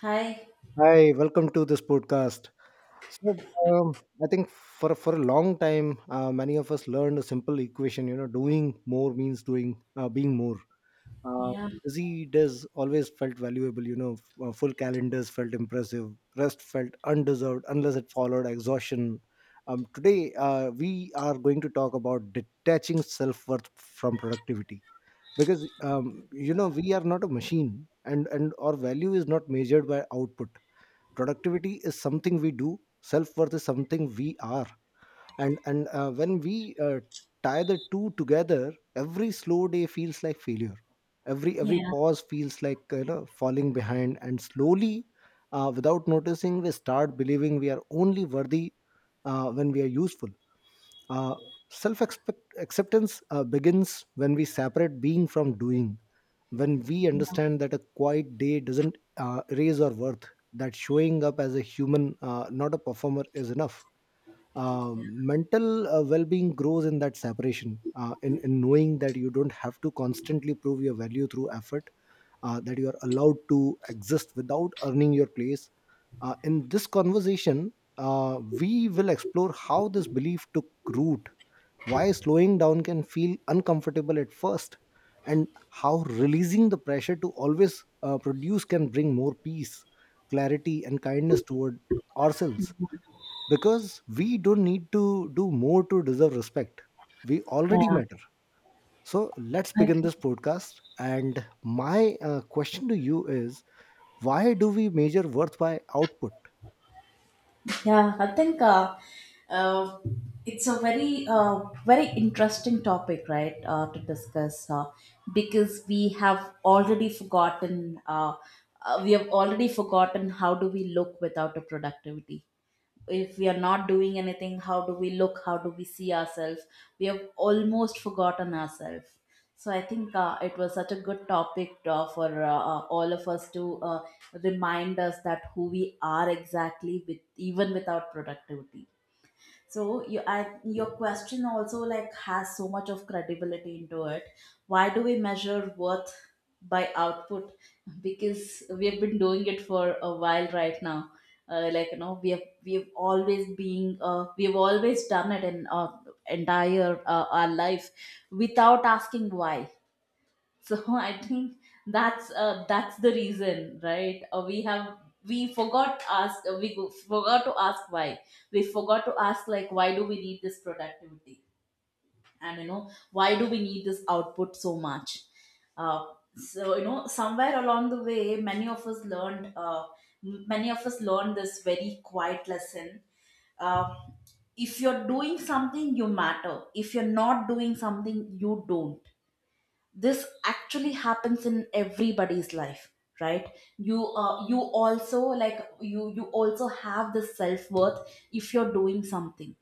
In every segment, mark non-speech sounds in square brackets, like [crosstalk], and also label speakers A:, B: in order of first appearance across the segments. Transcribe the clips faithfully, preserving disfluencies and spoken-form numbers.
A: Hi.
B: Hi, welcome to this podcast. So, um, I think for for a long time, uh, many of us learned a simple equation. You know, doing more means doing uh, being more. Uh,
A: Yeah.
B: Busy days always felt valuable. You know, f- uh, full calendars felt impressive. Rest felt undeserved unless it followed exhaustion. Um, today, uh, we are going to talk about detaching self worth from productivity, because um, you know we are not a machine, and and our value is not measured by output. Productivity is something we do, self-worth is something we are. And and uh, when we uh, tie the two together, every slow day feels like failure, every every
A: Yeah.
B: pause feels like, you know falling behind, and slowly, uh, without noticing, we start believing we are only worthy uh, when we are useful. uh, Self acceptance uh, begins when we separate being from doing, when we understand that a quiet day doesn't uh, erase our worth, that showing up as a human, uh, not a performer, is enough. Um, mental uh, well-being grows in that separation, uh, in, in knowing that you don't have to constantly prove your value through effort, uh, that you are allowed to exist without earning your place. Uh, in this conversation, uh, we will explore how this belief took root, why slowing down can feel uncomfortable at first, and how releasing the pressure to always uh, produce can bring more peace, clarity, and kindness toward ourselves, because we don't need to do more to deserve respect. We already
A: Yeah.
B: matter. So let's begin
A: Okay.
B: this podcast. And my uh, question to you is, why do we measure worth by output?
A: Yeah. I think uh, uh, it's a very uh, very interesting topic, right? Uh, to discuss uh, because we have already forgotten. Uh, uh, we have already forgotten. How do we look without a productivity? If we are not doing anything, how do we look, how do we see ourselves? We have almost forgotten ourselves. So I think uh, it was such a good topic uh, for uh, uh, all of us to uh, remind us that who we are exactly with, even without productivity. So you, I, your question also like has so much of credibility into it. Why do we measure worth by output? Because we have been doing it for a while right now. Uh, like, you know, we have, we have always been uh, we have always done it in our entire uh, our life without asking why. So [laughs] I think that's uh, that's the reason, right? Uh, we have, we forgot ask uh, we go- forgot to ask why. We forgot to ask, like, why do we need this productivity, and you know, why do we need this output so much. Uh, so you know, somewhere along the way, many of us learned uh, m- many of us learned this very quiet lesson. Uh, if you're doing something, you matter. If you're not doing something, you don't. This actually happens in everybody's life, right? You uh, you also, like, you you also have this self-worth if you're doing something.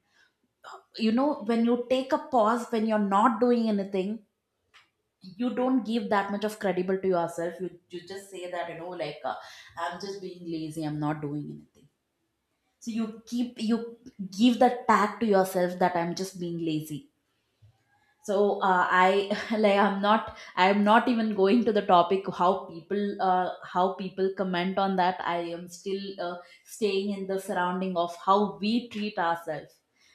A: You know, when you take a pause, when you're not doing anything, you don't give that much of credible to yourself. You, you just say that, you know, like uh, I'm just being lazy, I'm not doing anything. So you keep, you give the tag to yourself that I'm just being lazy. So uh, I [laughs] like, I'm not, i'm not even going to the topic how people uh, how people comment on that. I am still uh, staying in the surrounding of how we treat ourselves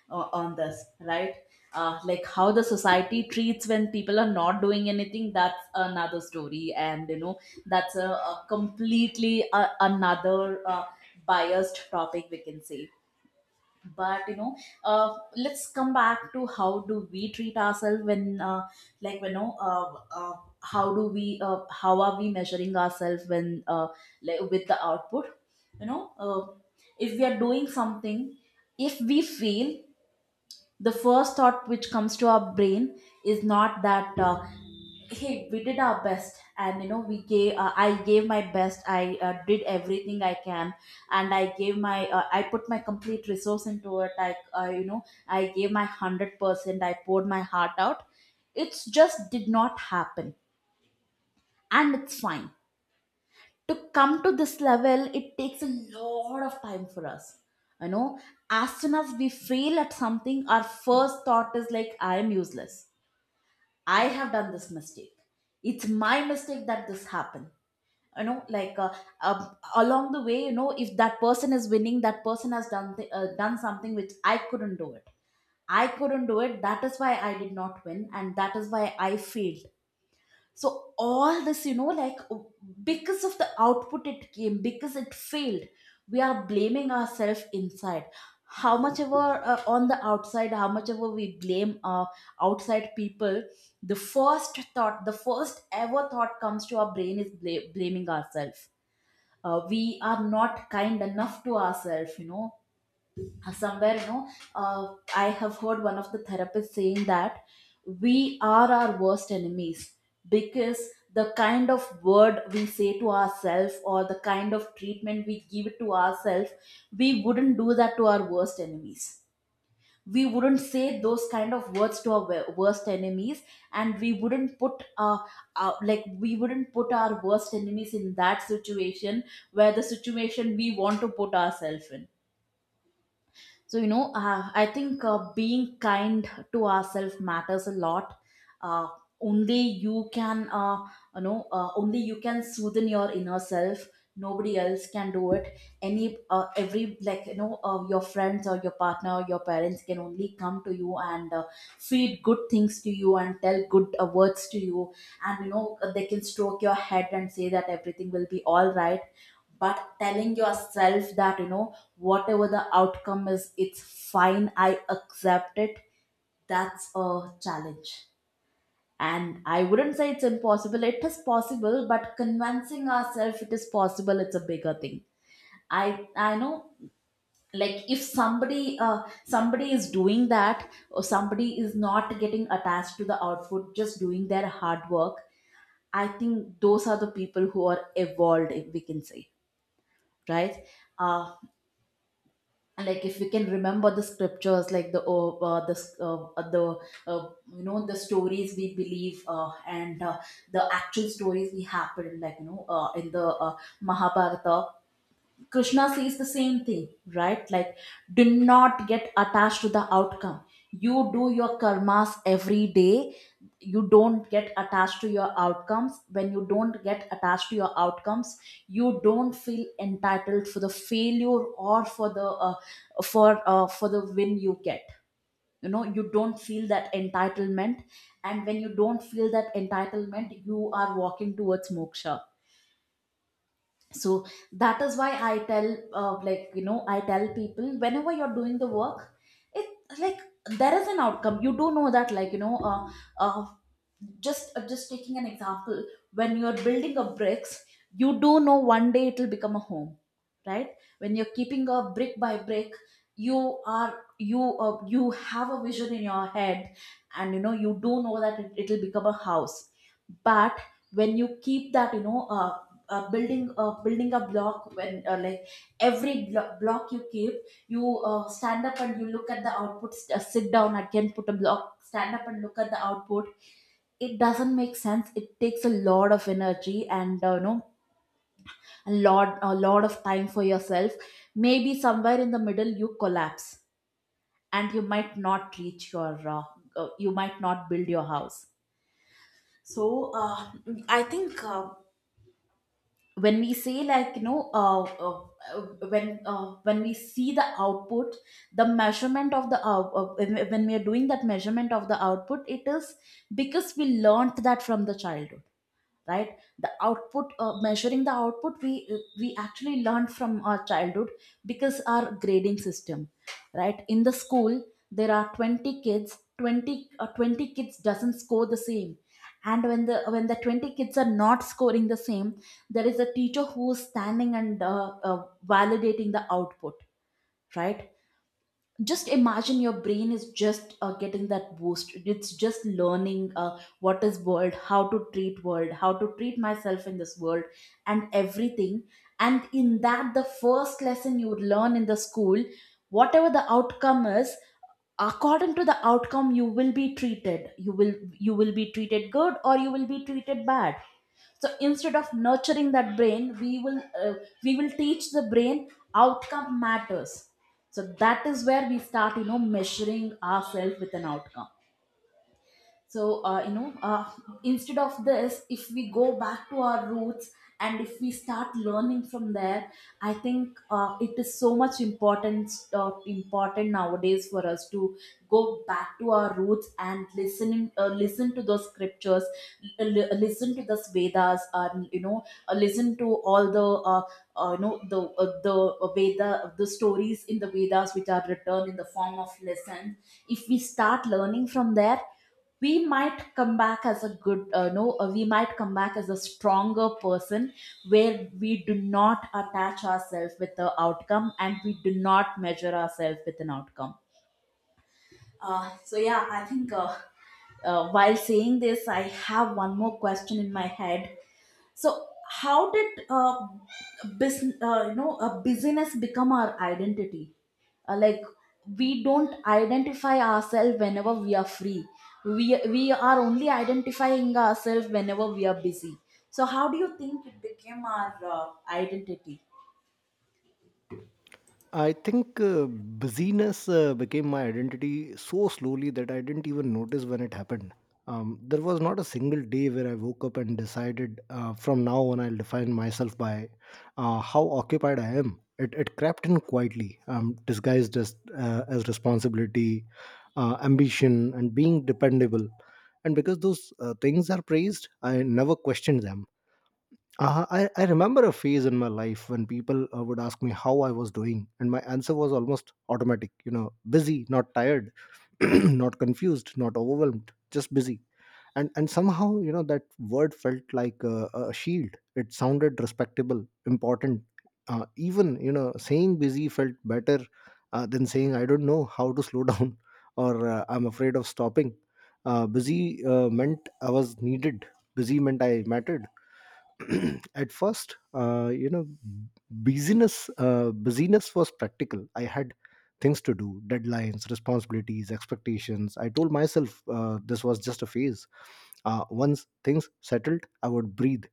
A: uh, on this, right? Uh, like, how the society treats when people are not doing anything, that's another story. And you know, that's a, a completely uh another uh, biased topic, we can say. But you know, uh, let's come back to how do we treat ourselves when, uh, like, you know, uh, uh, how do we uh, how are we measuring ourselves when, uh, like, with the output. You know, uh, if we are doing something, if we fail, the first thought which comes to our brain is not that, uh, hey, we did our best. And you know, we gave uh, I gave my best. I uh, did everything I can and I gave my uh, I put my complete resource into it. I uh, you know, I gave my one hundred percent, I poured my heart out. It's just did not happen, and it's fine. To come to this level, it takes a lot of time for us, you know. As soon as we fail at something, our first thought is like, I am useless, I have done this mistake, it's my mistake that this happened. You know, like, uh, um along the way, you know, if that person is winning, that person has done th- uh, done something which I couldn't do it. I couldn't do it, that is why I did not win and that is why I failed. So all this, you know, like, uh, because of the output it came, because it failed, we are blaming ourselves inside. How much ever, uh, on the outside, how much ever we blame uh, outside people, the first thought, the first ever thought comes to our brain is bla- blaming ourselves. Uh, we are not kind enough to ourselves, you know. Uh, somewhere, you know, uh, I have heard one of the therapists saying that we are our worst enemies, because the kind of word we say to ourselves or the kind of treatment we give to ourselves, we wouldn't do that to our worst enemies. We wouldn't say those kind of words to our wo- worst enemies, and we wouldn't put uh, uh like, we wouldn't put our worst enemies in that situation, where the situation we want to put ourselves in. So you know, uh, I think uh, being kind to ourselves matters a lot. uh, Only you can uh, you know, uh, only you can soothe your inner self, nobody else can do it. Any, uh, every, like, you know, uh, your friends or your partner or your parents can only come to you and uh, feed good things to you and tell good uh, words to you. And you know, they can stroke your head and say that everything will be all right. But telling yourself that, you know, whatever the outcome is, it's fine, I accept it, that's a challenge. And I wouldn't say it's impossible, it is possible, but convincing ourselves it is possible, it's a bigger thing. I i know, like, if somebody, uh, somebody is doing that, or somebody is not getting attached to the output, just doing their hard work, I think those are the people who are evolved, if we can say, right? Uh, like, if we can remember the scriptures, like the uh, uh, the uh, uh, the uh, you know, the stories we believe uh, and uh, the actual stories we happen, like, you know, uh, in the uh, Mahabharata, Krishna says the same thing, right? Like, do not get attached to the outcome. You do your karmas every day. You don't get attached to your outcomes. When you don't get attached to your outcomes, you don't feel entitled for the failure or for the uh, for uh, for the win you get. You know, you don't feel that entitlement, and when you don't feel that entitlement, you are walking towards moksha. So that is why I tell, uh, like, you know, I tell people, whenever you're doing the work, it, like, there is an outcome, you do know that, like, you know, uh, uh, just uh, just taking an example, when you're building a bricks, you do know one day it will become a home, right? When you're keeping a brick by brick, you are, you uh, you have a vision in your head, and you know, you do know that it, will become a house. But when you keep that, you know, uh, uh, building uh, building a block, when, uh, like, every blo- block you keep, you uh, stand up and you look at the output, st- uh, sit down again, put a block, stand up and look at the output, it doesn't make sense. It takes a lot of energy and uh, you know, a lot a lot of time for yourself. Maybe somewhere in the middle you collapse, and you might not reach your uh, uh, you might not build your house. So uh, I think uh, when we say, like, you know, uh, uh, uh, when uh, when we see the output, the measurement of the out- uh, when when we are doing that measurement of the output, it is because we learned that from the childhood, right? The output, uh, measuring the output, we uh, we actually learned from our childhood, because our grading system, right, in the school, there are twenty kids, twenty uh, twenty kids doesn't score the same. And when the when the twenty kids are not scoring the same, there is a teacher who is standing and uh, uh, validating the output, right? Just imagine your brain is just uh, getting that boost, it's just learning uh, what is world, how to treat world, how to treat myself in this world, and everything. And in that, the first lesson you would learn in the school, whatever the outcome is, according to the outcome you will be treated. You will you will be treated good or you will be treated bad. So instead of nurturing that brain, we will, uh, we will teach the brain outcome matters. So that is where we start, you know, measuring ourselves with an outcome. So uh, you know, uh, instead of this, if we go back to our roots, and if we start learning from there, I think uh, it is so much important, uh, important nowadays for us to go back to our roots and listening, uh, listen to those scriptures, li- listen to the Vedas. And you know, uh, listen to all the uh, uh, you know, the uh, the veda, the stories in the Vedas, which are written in the form of lessons. If we start learning from there, we might come back as a good uh, no uh, we might come back as a stronger person, where we do not attach ourselves with the outcome, and we do not measure ourselves with an outcome. Uh, so yeah, I think, uh, uh, while saying this, I have one more question In my head. So how did uh, business, uh, you know, a business become our identity? Uh, like we don't identify ourselves whenever we are free. We we are only identifying ourselves whenever we are busy. So how do you think it became our uh, identity?
B: I think uh, busyness uh, became my identity so slowly that I didn't even notice when it happened. Um, there was not a single day where I woke up and decided, uh, from now on I'll define myself by uh, how occupied I am. It, it crept in quietly, um, disguised as, uh, as responsibility, uh, ambition, and being dependable. And because those uh, things are praised, I never questioned them. Uh, I, I remember a phase in my life when people uh, would ask me how I was doing, and my answer was almost automatic. You know, busy, not tired, [clears throat] not confused, not overwhelmed, just busy. And and somehow, you know, that word felt like a, a shield. It sounded respectable, important. Uh, even, you know, saying busy felt better uh, than saying I don't know how to slow [laughs] down, or uh, I'm afraid of stopping. Uh, busy uh, meant I was needed. Busy meant I mattered. [clears throat] At first, uh, you know busyness, uh, business was practical. I had things to do, deadlines, responsibilities, expectations. I told myself uh, this was just a phase. Uh, once things settled, I would breathe.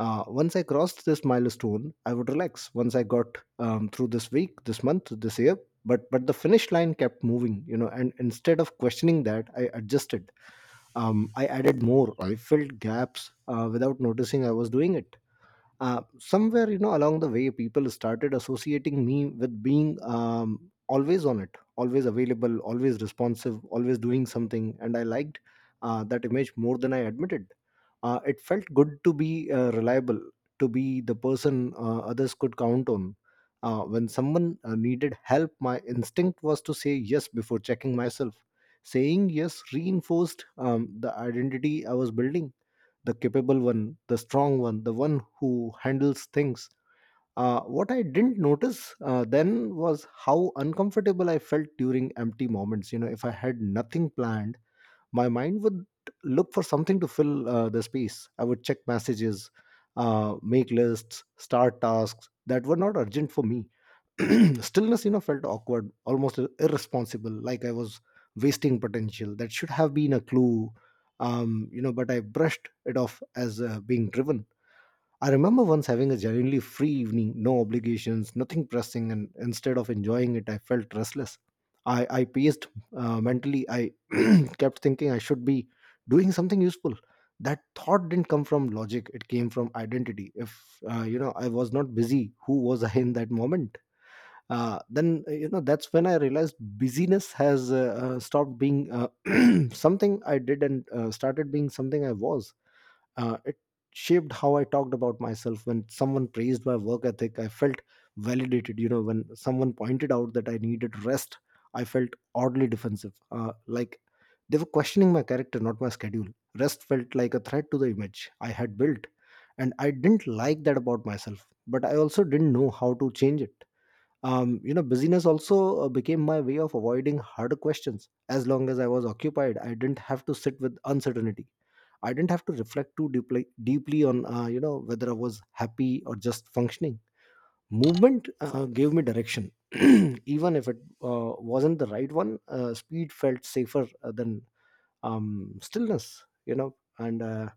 B: uh, Once I crossed this milestone, I would relax. Once I got, um, through this week, this month, this year, but but the finish line kept moving, you know, and instead of questioning that, I adjusted. um, I added more, I filled gaps, uh, without noticing I was doing it. Uh, somewhere, you know, along the way, people started associating me with being, um, always on it, always available, always responsive, always doing something, and I liked uh, that image more than I admitted. Uh, it felt good to be uh, reliable, to be the person uh, others could count on. Uh, when someone uh, needed help, my instinct was to say yes before checking myself. Saying yes reinforced um, the identity I was building: the capable one, the strong one, the one who handles things. Uh, what I didn't notice uh, then was how uncomfortable I felt during empty moments. You know, if I had nothing planned, my mind would look for something to fill uh, the space. I would check messages, uh, make lists, start tasks that were not urgent for me. [clears throat] Stillness, you know, felt awkward, almost irresponsible, like I was wasting potential. That should have been a clue. Um you know but I brushed it off as uh, being driven. I remember once having a genuinely free evening, no obligations, nothing pressing, and instead of enjoying it, I felt restless. I i paced uh, mentally. I [clears throat] kept thinking I should be doing something useful. That thought didn't come from logic, it came from identity. If uh, you know I was not busy, who was I in that moment? Uh, then uh, you know that's when I realized busyness has uh, uh, stopped being, uh, [clears throat] something I did, and uh, started being something I was. Uh, it shaped how I talked about myself. When someone praised my work ethic, I felt validated, you know. When someone pointed out that I needed rest, I felt oddly defensive, uh, like they were questioning my character, not my schedule. Rest felt like a threat to the image I had built, and I didn't like that about myself, but I also didn't know how to change it. Um, you know busyness also uh, became my way of avoiding hard questions. As long as I was occupied, I didn't have to sit with uncertainty. I didn't have to reflect too deeply deeply on uh, you know whether I was happy or just functioning. Movement uh, uh, gave me direction. [clears throat] Even if it uh, wasn't the right one, uh, speed felt safer uh, than um, stillness, you know. and uh,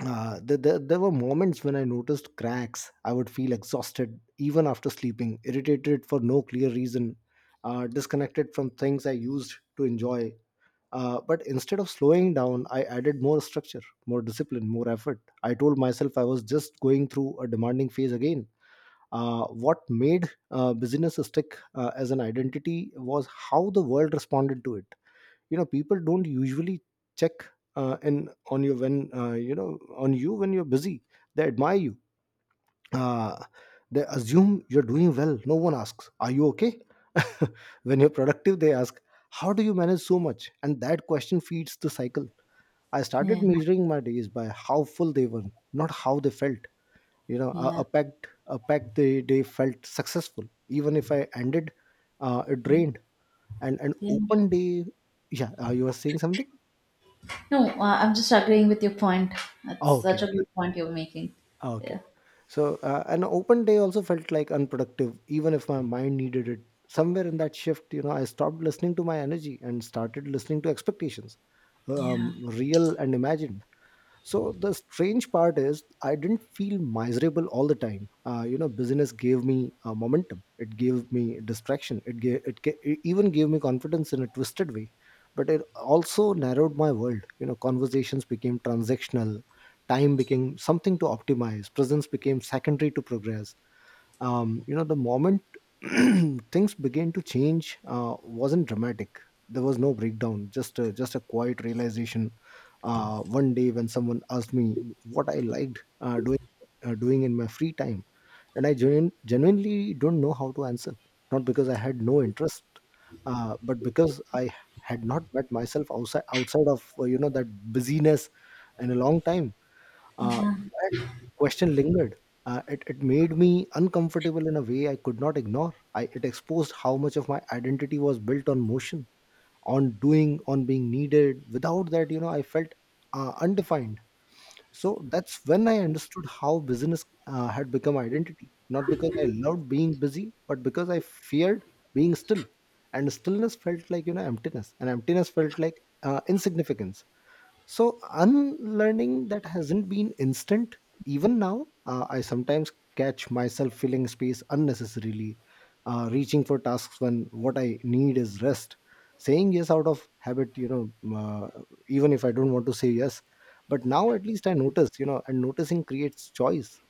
B: uh, there, there, there were moments when I noticed cracks. I would feel exhausted even after sleeping, irritated for no clear reason, uh, disconnected from things I used to enjoy. Uh, but instead of slowing down, I added more structure, more discipline, more effort. I told myself I was just going through a demanding phase again. Uh, what made uh, busyness stick uh, as an identity was how the world responded to it. You know, people don't usually check uh, in on you when, uh, you know on you when you're busy, they admire you. Uh, they assume you're doing well. No one asks, are you okay? [laughs] When you're productive, they ask, how do you manage so much? And that question feeds the cycle. I started
A: Yeah,
B: measuring my days by how full they were, not how they felt. You know, a,
A: yeah,
B: a packed a packed day, day felt successful, even if I ended uh, it drained, and an
A: yeah.
B: open day... Yeah, uh, you were saying something?
A: No, uh, I'm just agreeing with your point. That's
B: Okay,
A: such a
B: okay.
A: good point you're making.
B: Ah, okay.
A: Yeah.
B: So, uh, an open day also felt like unproductive, even if my mind needed it. Somewhere in that shift, you know, I stopped listening to my energy and started listening to expectations,
A: Yeah.
B: um, real and imagined. So the strange part is, I didn't feel miserable all the time. Uh, you know business gave me uh, momentum, it gave me distraction, it gave it, ga- it even gave me confidence in a twisted way. But it also narrowed my world. You know, conversations became transactional, time became something to optimize, presence became secondary to progress. Um, you know the moment [clears throat] things began to change uh, wasn't dramatic. There was no breakdown, just a, just a quiet realization. Uh, one day when someone asked me what I liked, uh, doing uh, doing in my free time, and I genu- genuinely don't know how to answer. Not because I had no interest, uh, but because I had not met myself outside outside of uh, you know that busyness in a long time. uh,
A: Yeah,
B: that question lingered. Uh, it, it made me uncomfortable in a way I could not ignore. I, it exposed how much of my identity was built on motion, on doing, on being needed. Without that, you know, I felt uh, undefined. So that's when I understood how business uh, had become identity. Not because I loved being busy, but because I feared being still. And stillness felt like, you know, emptiness. And emptiness felt like uh, insignificance. So, unlearning that hasn't been instant. Even now, uh, I sometimes catch myself filling space unnecessarily, uh, reaching for tasks when what I need is rest, saying yes out of habit, you know, uh, even if I don't want to say yes. But now, at least I notice, you know, and noticing creates choice.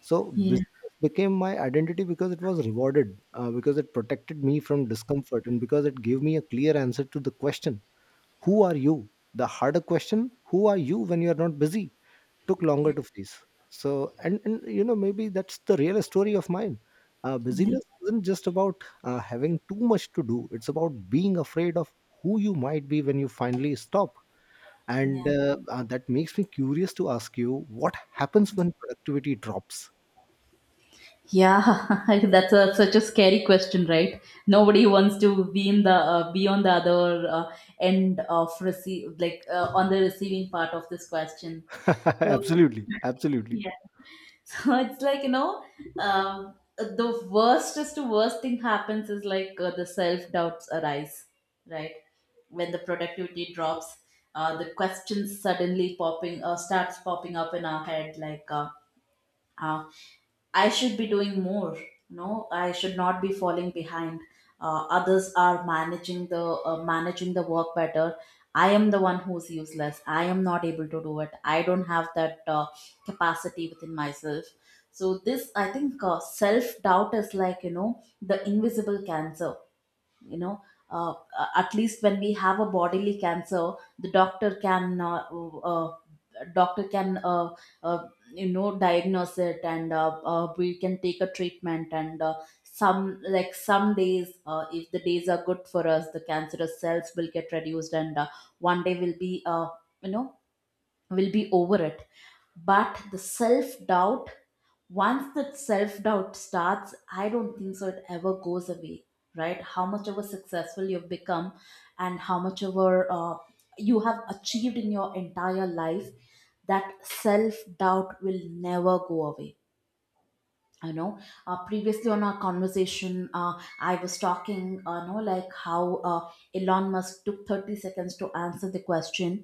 B: So,
A: yeah,
B: business became my identity because it was rewarded, uh, because it protected me from discomfort, and because it gave me a clear answer to the question, who are you? The harder question, who are you when you are not busy, took longer
A: yeah,
B: to face. So, and, and you know, maybe that's the real story of mine. Uh,
A: yeah,
B: busyness isn't just about uh, having too much to do, it's about being afraid of who you might be when you finally stop. And
A: yeah.
B: uh, uh, that makes me curious to ask you, what happens when productivity drops?
A: Yeah, [laughs] that's a, such a scary question, right? Nobody wants to be in the uh, be on the other uh, end of receive like uh, on the receiving part of this question.
B: [laughs]
A: So
B: Absolutely,
A: [laughs]
B: absolutely.
A: yeah, [laughs] so it's like, you know, um, the worstest to worst thing happens is like uh, the self doubts arise, right? When the productivity drops, uh, the questions suddenly popping uh, starts popping up in our head, like, uh, uh, I should be doing more. No, I should not be falling behind. Uh, others are managing the uh, managing the work better. I am the one who's useless. I am not able to do it. I don't have that uh, capacity within myself. So this, I think, uh, self doubt is like, you know, the invisible cancer. You know, uh, uh, at least when we have a bodily cancer the doctor can uh, uh, uh, doctor can uh, uh, you know, diagnose it and uh, uh, we can take a treatment, and uh, some, like, some days, uh, if the days are good for us, the cancerous cells will get reduced, and uh, one day will be uh, you know, will be over it. But the self doubt, once that self doubt starts, I don't think so it ever goes away, right? How much ever successful you've become and how much ever uh, you have achieved in your entire life, that self doubt will never go away, you know. Uh, previously on our conversation, uh, I was talking, uh, you know, like how uh, Elon Musk took thirty seconds to answer the question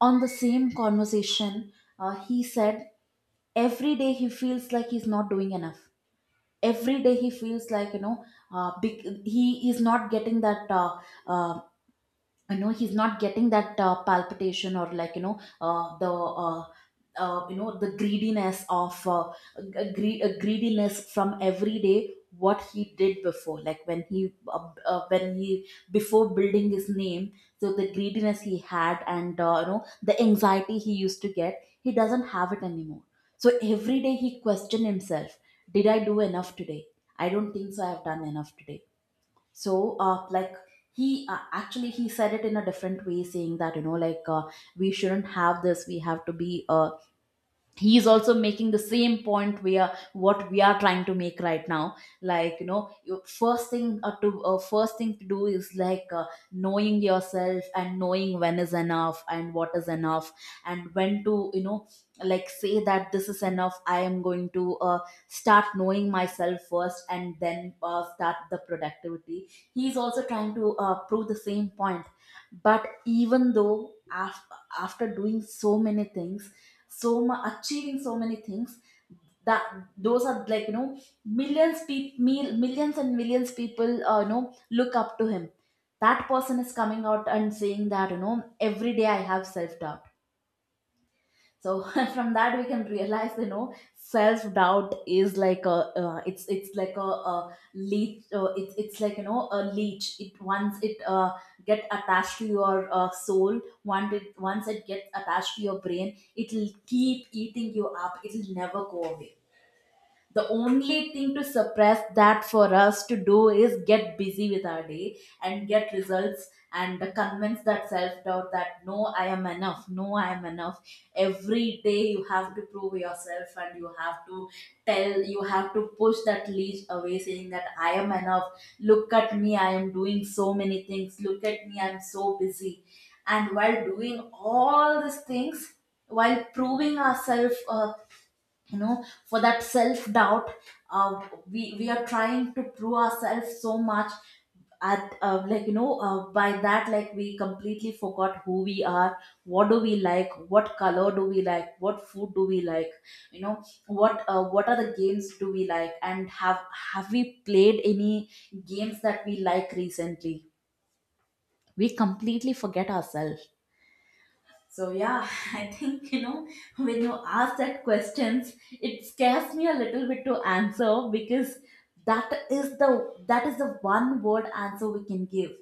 A: on the same conversation. Uh, he said every day he feels like he's not doing enough, every day he feels like, you know, uh, big, he is not getting that uh, uh, you know, he's not getting that uh, palpitation, or like, you know, uh, the uh, uh, you know, the greediness of uh, gre- uh, greediness from every day, what he did before, like when he uh, uh, when he before building his name. So the greediness he had and uh, you know, the anxiety he used to get, he doesn't have it anymore. So every day he question himself, did I do enough today? I don't think so I have done enough today. So uh, like he uh, actually he said it in a different way saying that, you know, like, uh, we shouldn't have this, we have to be uh, he is also making the same point where what we are trying to make right now. Like, you know, you- first thing uh, to uh, first thing to do is like, uh, knowing yourself and knowing when is enough and what is enough, and when to, you know, like, say that this is enough. I am going to uh, start knowing myself first, and then uh, start the productivity. He is also trying to uh, prove the same point. But even though af- after doing so many things, so much, achieving so many things, that those are, like, you know, millions people, millions and millions people, uh, you know, look up to him. That person is coming out and saying that, you know, every day I have self doubt. So [laughs] from that we can realize, you know, self doubt is like a, uh, it's it's like a, a leech, uh, it's it's like, you know, a leech. It, once it uh, get attached to your uh, soul, once it once it gets attached to your brain, it'll keep eating you up, it'll never go away. The only thing to suppress that for us to do is get busy with our day and get results and convince that self doubt that no, I am enough, no, I am enough. Every day you have to prove yourself, and you have to tell, you have to push that leash away saying that I am enough. Look at me, I am doing so many things, look at me, I'm so busy. And while doing all these things, while proving ourselves, uh, you know, for that self doubt, uh, we we are trying to prove ourselves so much at, uh, like you know uh, by that, like, we completely forgot who we are. What do we like, what color do we like, what food do we like, you know, what uh, what are the games do we like, and have have we played any games that we like recently? We completely forget ourselves. So yeah, [laughs] I think, you know, when you ask that questions, it scares me a little bit to answer, because that is the that is the one word answer we can give,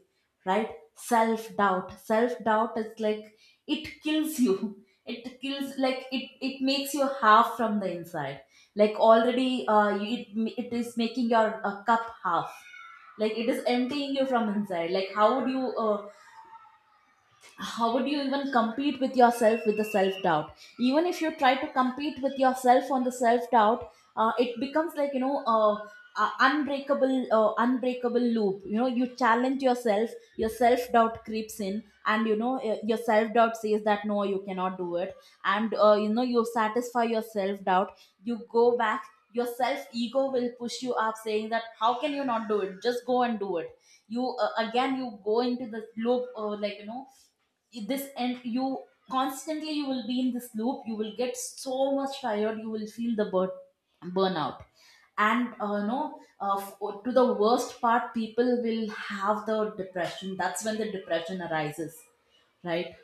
A: right? Self doubt. Self doubt is like, it kills you. [laughs] It kills, like, it it makes you half from the inside. Like, already, uh, you, it it is making your uh, cup half, like it is emptying you from inside. Like, how would you uh, how would you even compete with yourself with the self doubt? Even if you try to compete with yourself on the self doubt, uh, it becomes like, you know, uh, uh, unbreakable, uh, unbreakable loop, you know. You challenge yourself, your self doubt creeps in, and you know, uh, your self doubt says that no, you cannot do it. And uh, you know, you satisfy your self doubt, you go back, your self ego will push you up, saying that how can you not do it, just go and do it. You uh, Again you go into this loop, uh, like you know this and you constantly, you will be in this loop, you will get so much tired, you will feel the burn burnout. And uh, no uh, f- oh, to the worst part, people will have the depression, that's when the depression arises, right?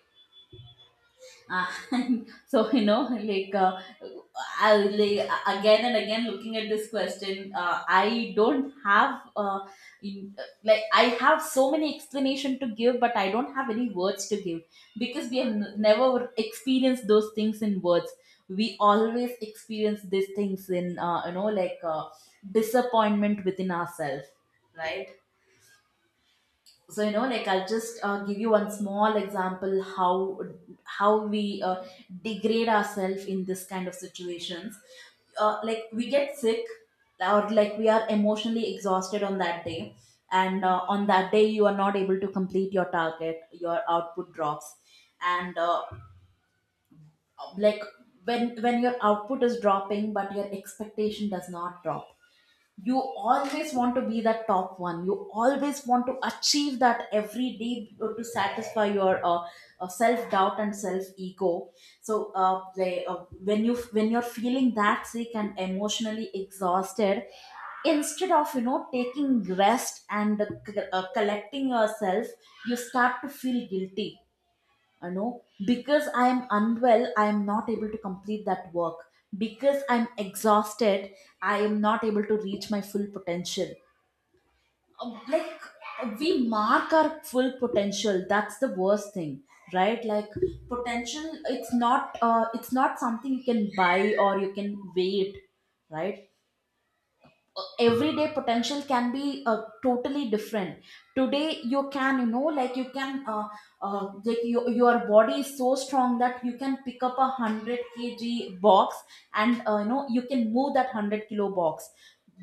A: And [laughs] so you know, like, uh, I, like, again and again looking at this question, uh, I don't have uh, in, like I have so many explanation to give, but I don't have any words to give, because we have n- never experienced those things in words. We always experience these things in, uh, you know, like, uh, disappointment within ourselves, right? So, you know, like, I'll just uh, give you one small example how how we uh, degrade ourselves in this kind of situations. Uh, like, we get sick, or like, we are emotionally exhausted on that day. And uh, on that day you are not able to complete your target, your output drops. And uh, like when when your output is dropping but your expectation does not drop, you always want to be the top one, you always want to achieve that every day to satisfy your uh, uh, self doubt and self ego. So uh, they, uh, when you, when you're feeling that sick and emotionally exhausted, instead of, you know, taking rest and uh, c- uh, collecting yourself, you start to feel guilty. You know, because I am unwell, I am not able to complete that work, because I'm exhausted, I am not able to reach my full potential. Um, like, we mark our full potential, that's the worst thing, right? Like, potential, it's not, uh, it's not something you can buy or you can wait, right? Uh, everyday potential can be uh, totally different. Today you can, you know, like, you can uh, uh, like, your your body is so strong that you can pick up a hundred k g box, and uh, you know, you can move that hundred kilo box.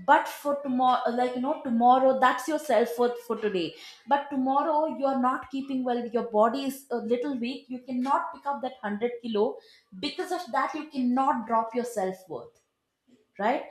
A: But for tomorrow, like, you know, tomorrow, that's your self worth for today. But tomorrow you are not keeping well, your body is a little weak, you cannot pick up that hundred kilo. Because of that, you cannot drop your self worth, right?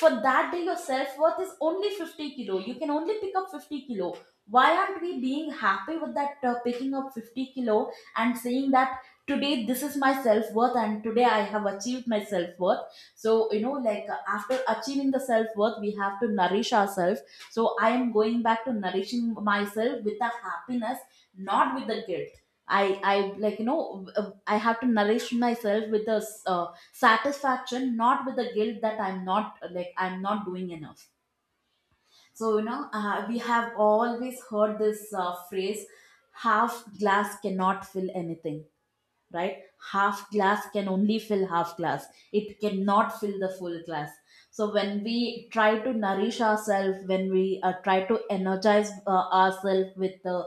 A: For that day your self-worth is only fifty kilo, you can only pick up fifty kilo. Why aren't we being happy with that, uh, picking up fifty kilo, and saying that today this is my self-worth, and today I have achieved my self-worth. So you know, like, uh, after achieving the self-worth, we have to nourish ourselves. So I am going back to nourishing myself with the happiness, not with the guilt. I I Like, you know, uh, I have to nourish myself with the satisfaction, not with the guilt that I'm not, like, I'm not doing enough. So you know, uh, we have always heard this uh, phrase, half glass cannot fill anything, right? Half glass can only fill half glass, it cannot fill the full glass. So when we try to nourish ourselves, when we uh, try to energize uh, ourselves with the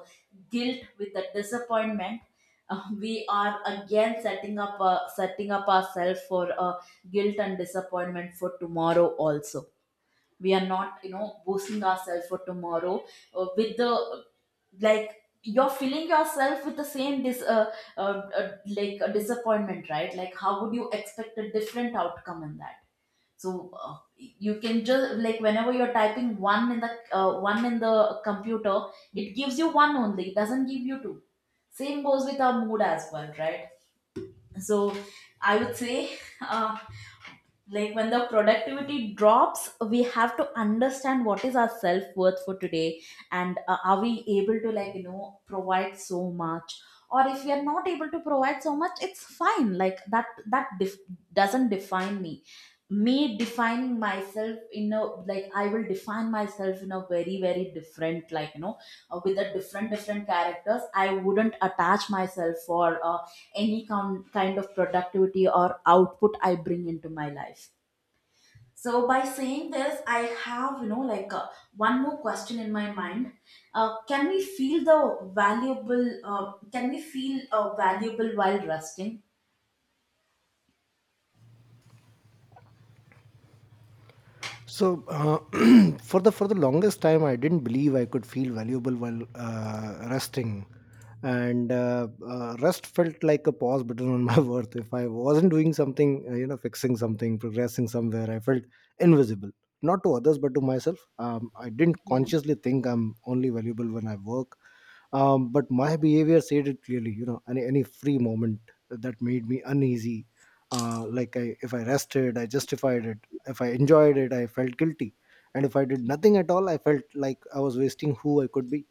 A: guilt, with the disappointment, uh, we are again setting up uh, setting up ourselves for uh, guilt and disappointment for tomorrow also. We are not, you know, boosting ourselves for tomorrow uh, with the, like, you're filling yourself with the same dis uh, uh, uh, like, a disappointment, right? Like, how would you expect a different outcome in that? So uh, you can just, like, whenever you're typing one in the, uh, one in the computer, it gives you one only, it doesn't give you two. Same goes with our mood as well, right? So I would say [laughs] uh, like, when the productivity drops, we have to understand what is our self-worth for today. And uh, are we able to, like, you know, provide so much, or if we are not able to provide so much, it's fine, like, that that def- doesn't define me. Me defining myself in a, like, I will define myself in a very very different, like, you know, uh, with a different different characters. I wouldn't attach myself for uh, any kind kind of productivity or output I bring into my life. So by saying this, I have, you know, like, uh, one more question in my mind. Uh, can we feel the valuable? Uh, can we feel uh, valuable while resting?
B: So uh, [clears throat] for the for the longest time, I didn't believe I could feel valuable while uh, resting, and uh, uh, rest felt like a pause button on my [laughs] worth. If I wasn't doing something, uh, you know, fixing something, progressing somewhere, I felt invisible, not to others but to myself. Um, I didn't
A: Yeah.
B: consciously think I'm only valuable when I work, um, but my behavior said it clearly. You know, any any free moment that made me uneasy. Uh, like I, if I rested, I justified it. If I enjoyed it, I felt guilty. And if I did nothing at all, I felt like I was wasting who I could be.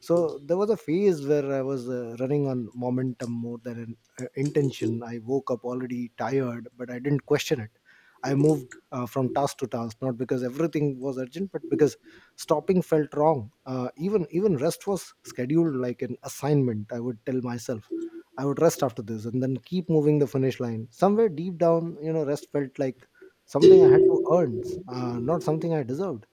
B: So there was a phase where I was uh, running on momentum more than an, uh, intention. I woke up already tired, but I didn't question it. I moved uh, from task to task, not because everything was urgent, but because stopping felt wrong. Uh, even even rest was scheduled like an assignment. I would tell myself I would rest after this, and then keep moving the finish line. Somewhere deep down, you know, rest felt like something I had to earn, uh, not something I deserved.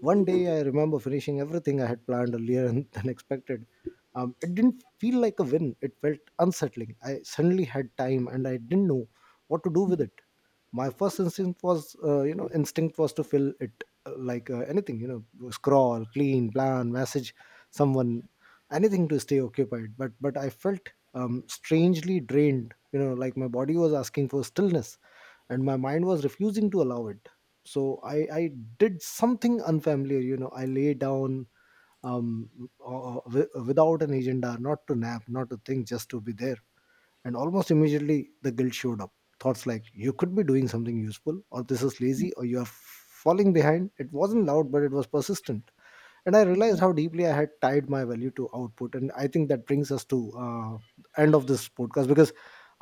B: One day, I remember finishing everything I had planned earlier and [laughs] than expected. Um, it didn't feel like a win, it felt unsettling. I suddenly had time and I didn't know what to do with it. My first instinct was, uh, you know, instinct was to fill it, uh, like uh, anything, you know, scroll, clean, plan, message someone, anything to stay occupied. But but I felt um, strangely drained, you know, like my body was asking for stillness and my mind was refusing to allow it. So i i did something unfamiliar. You know, I lay down, um uh, uh, wi- uh, without an agenda, not to nap, not to think, just to be there. And almost immediately, the guilt showed up. Thoughts like, you could be doing something useful, or this is lazy, or you are falling behind. It wasn't loud, but it was persistent. And I
A: Yeah.
B: realized how deeply I had tied my value to output. And I think that brings us to uh, end of this podcast, because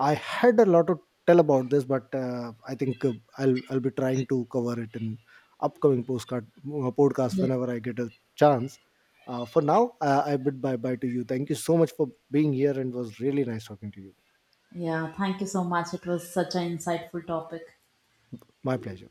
B: I had a lot to tell about this, but uh, I think, uh, i'll i'll be trying to cover it in upcoming postcard uh, podcast
A: Yeah.
B: whenever I get a chance. Uh, for now, uh, I bid bye bye to you. Thank you so much for being here, and it was really nice talking to you.
A: Yeah. Thank you so much. It was such an insightful topic.
B: My pleasure.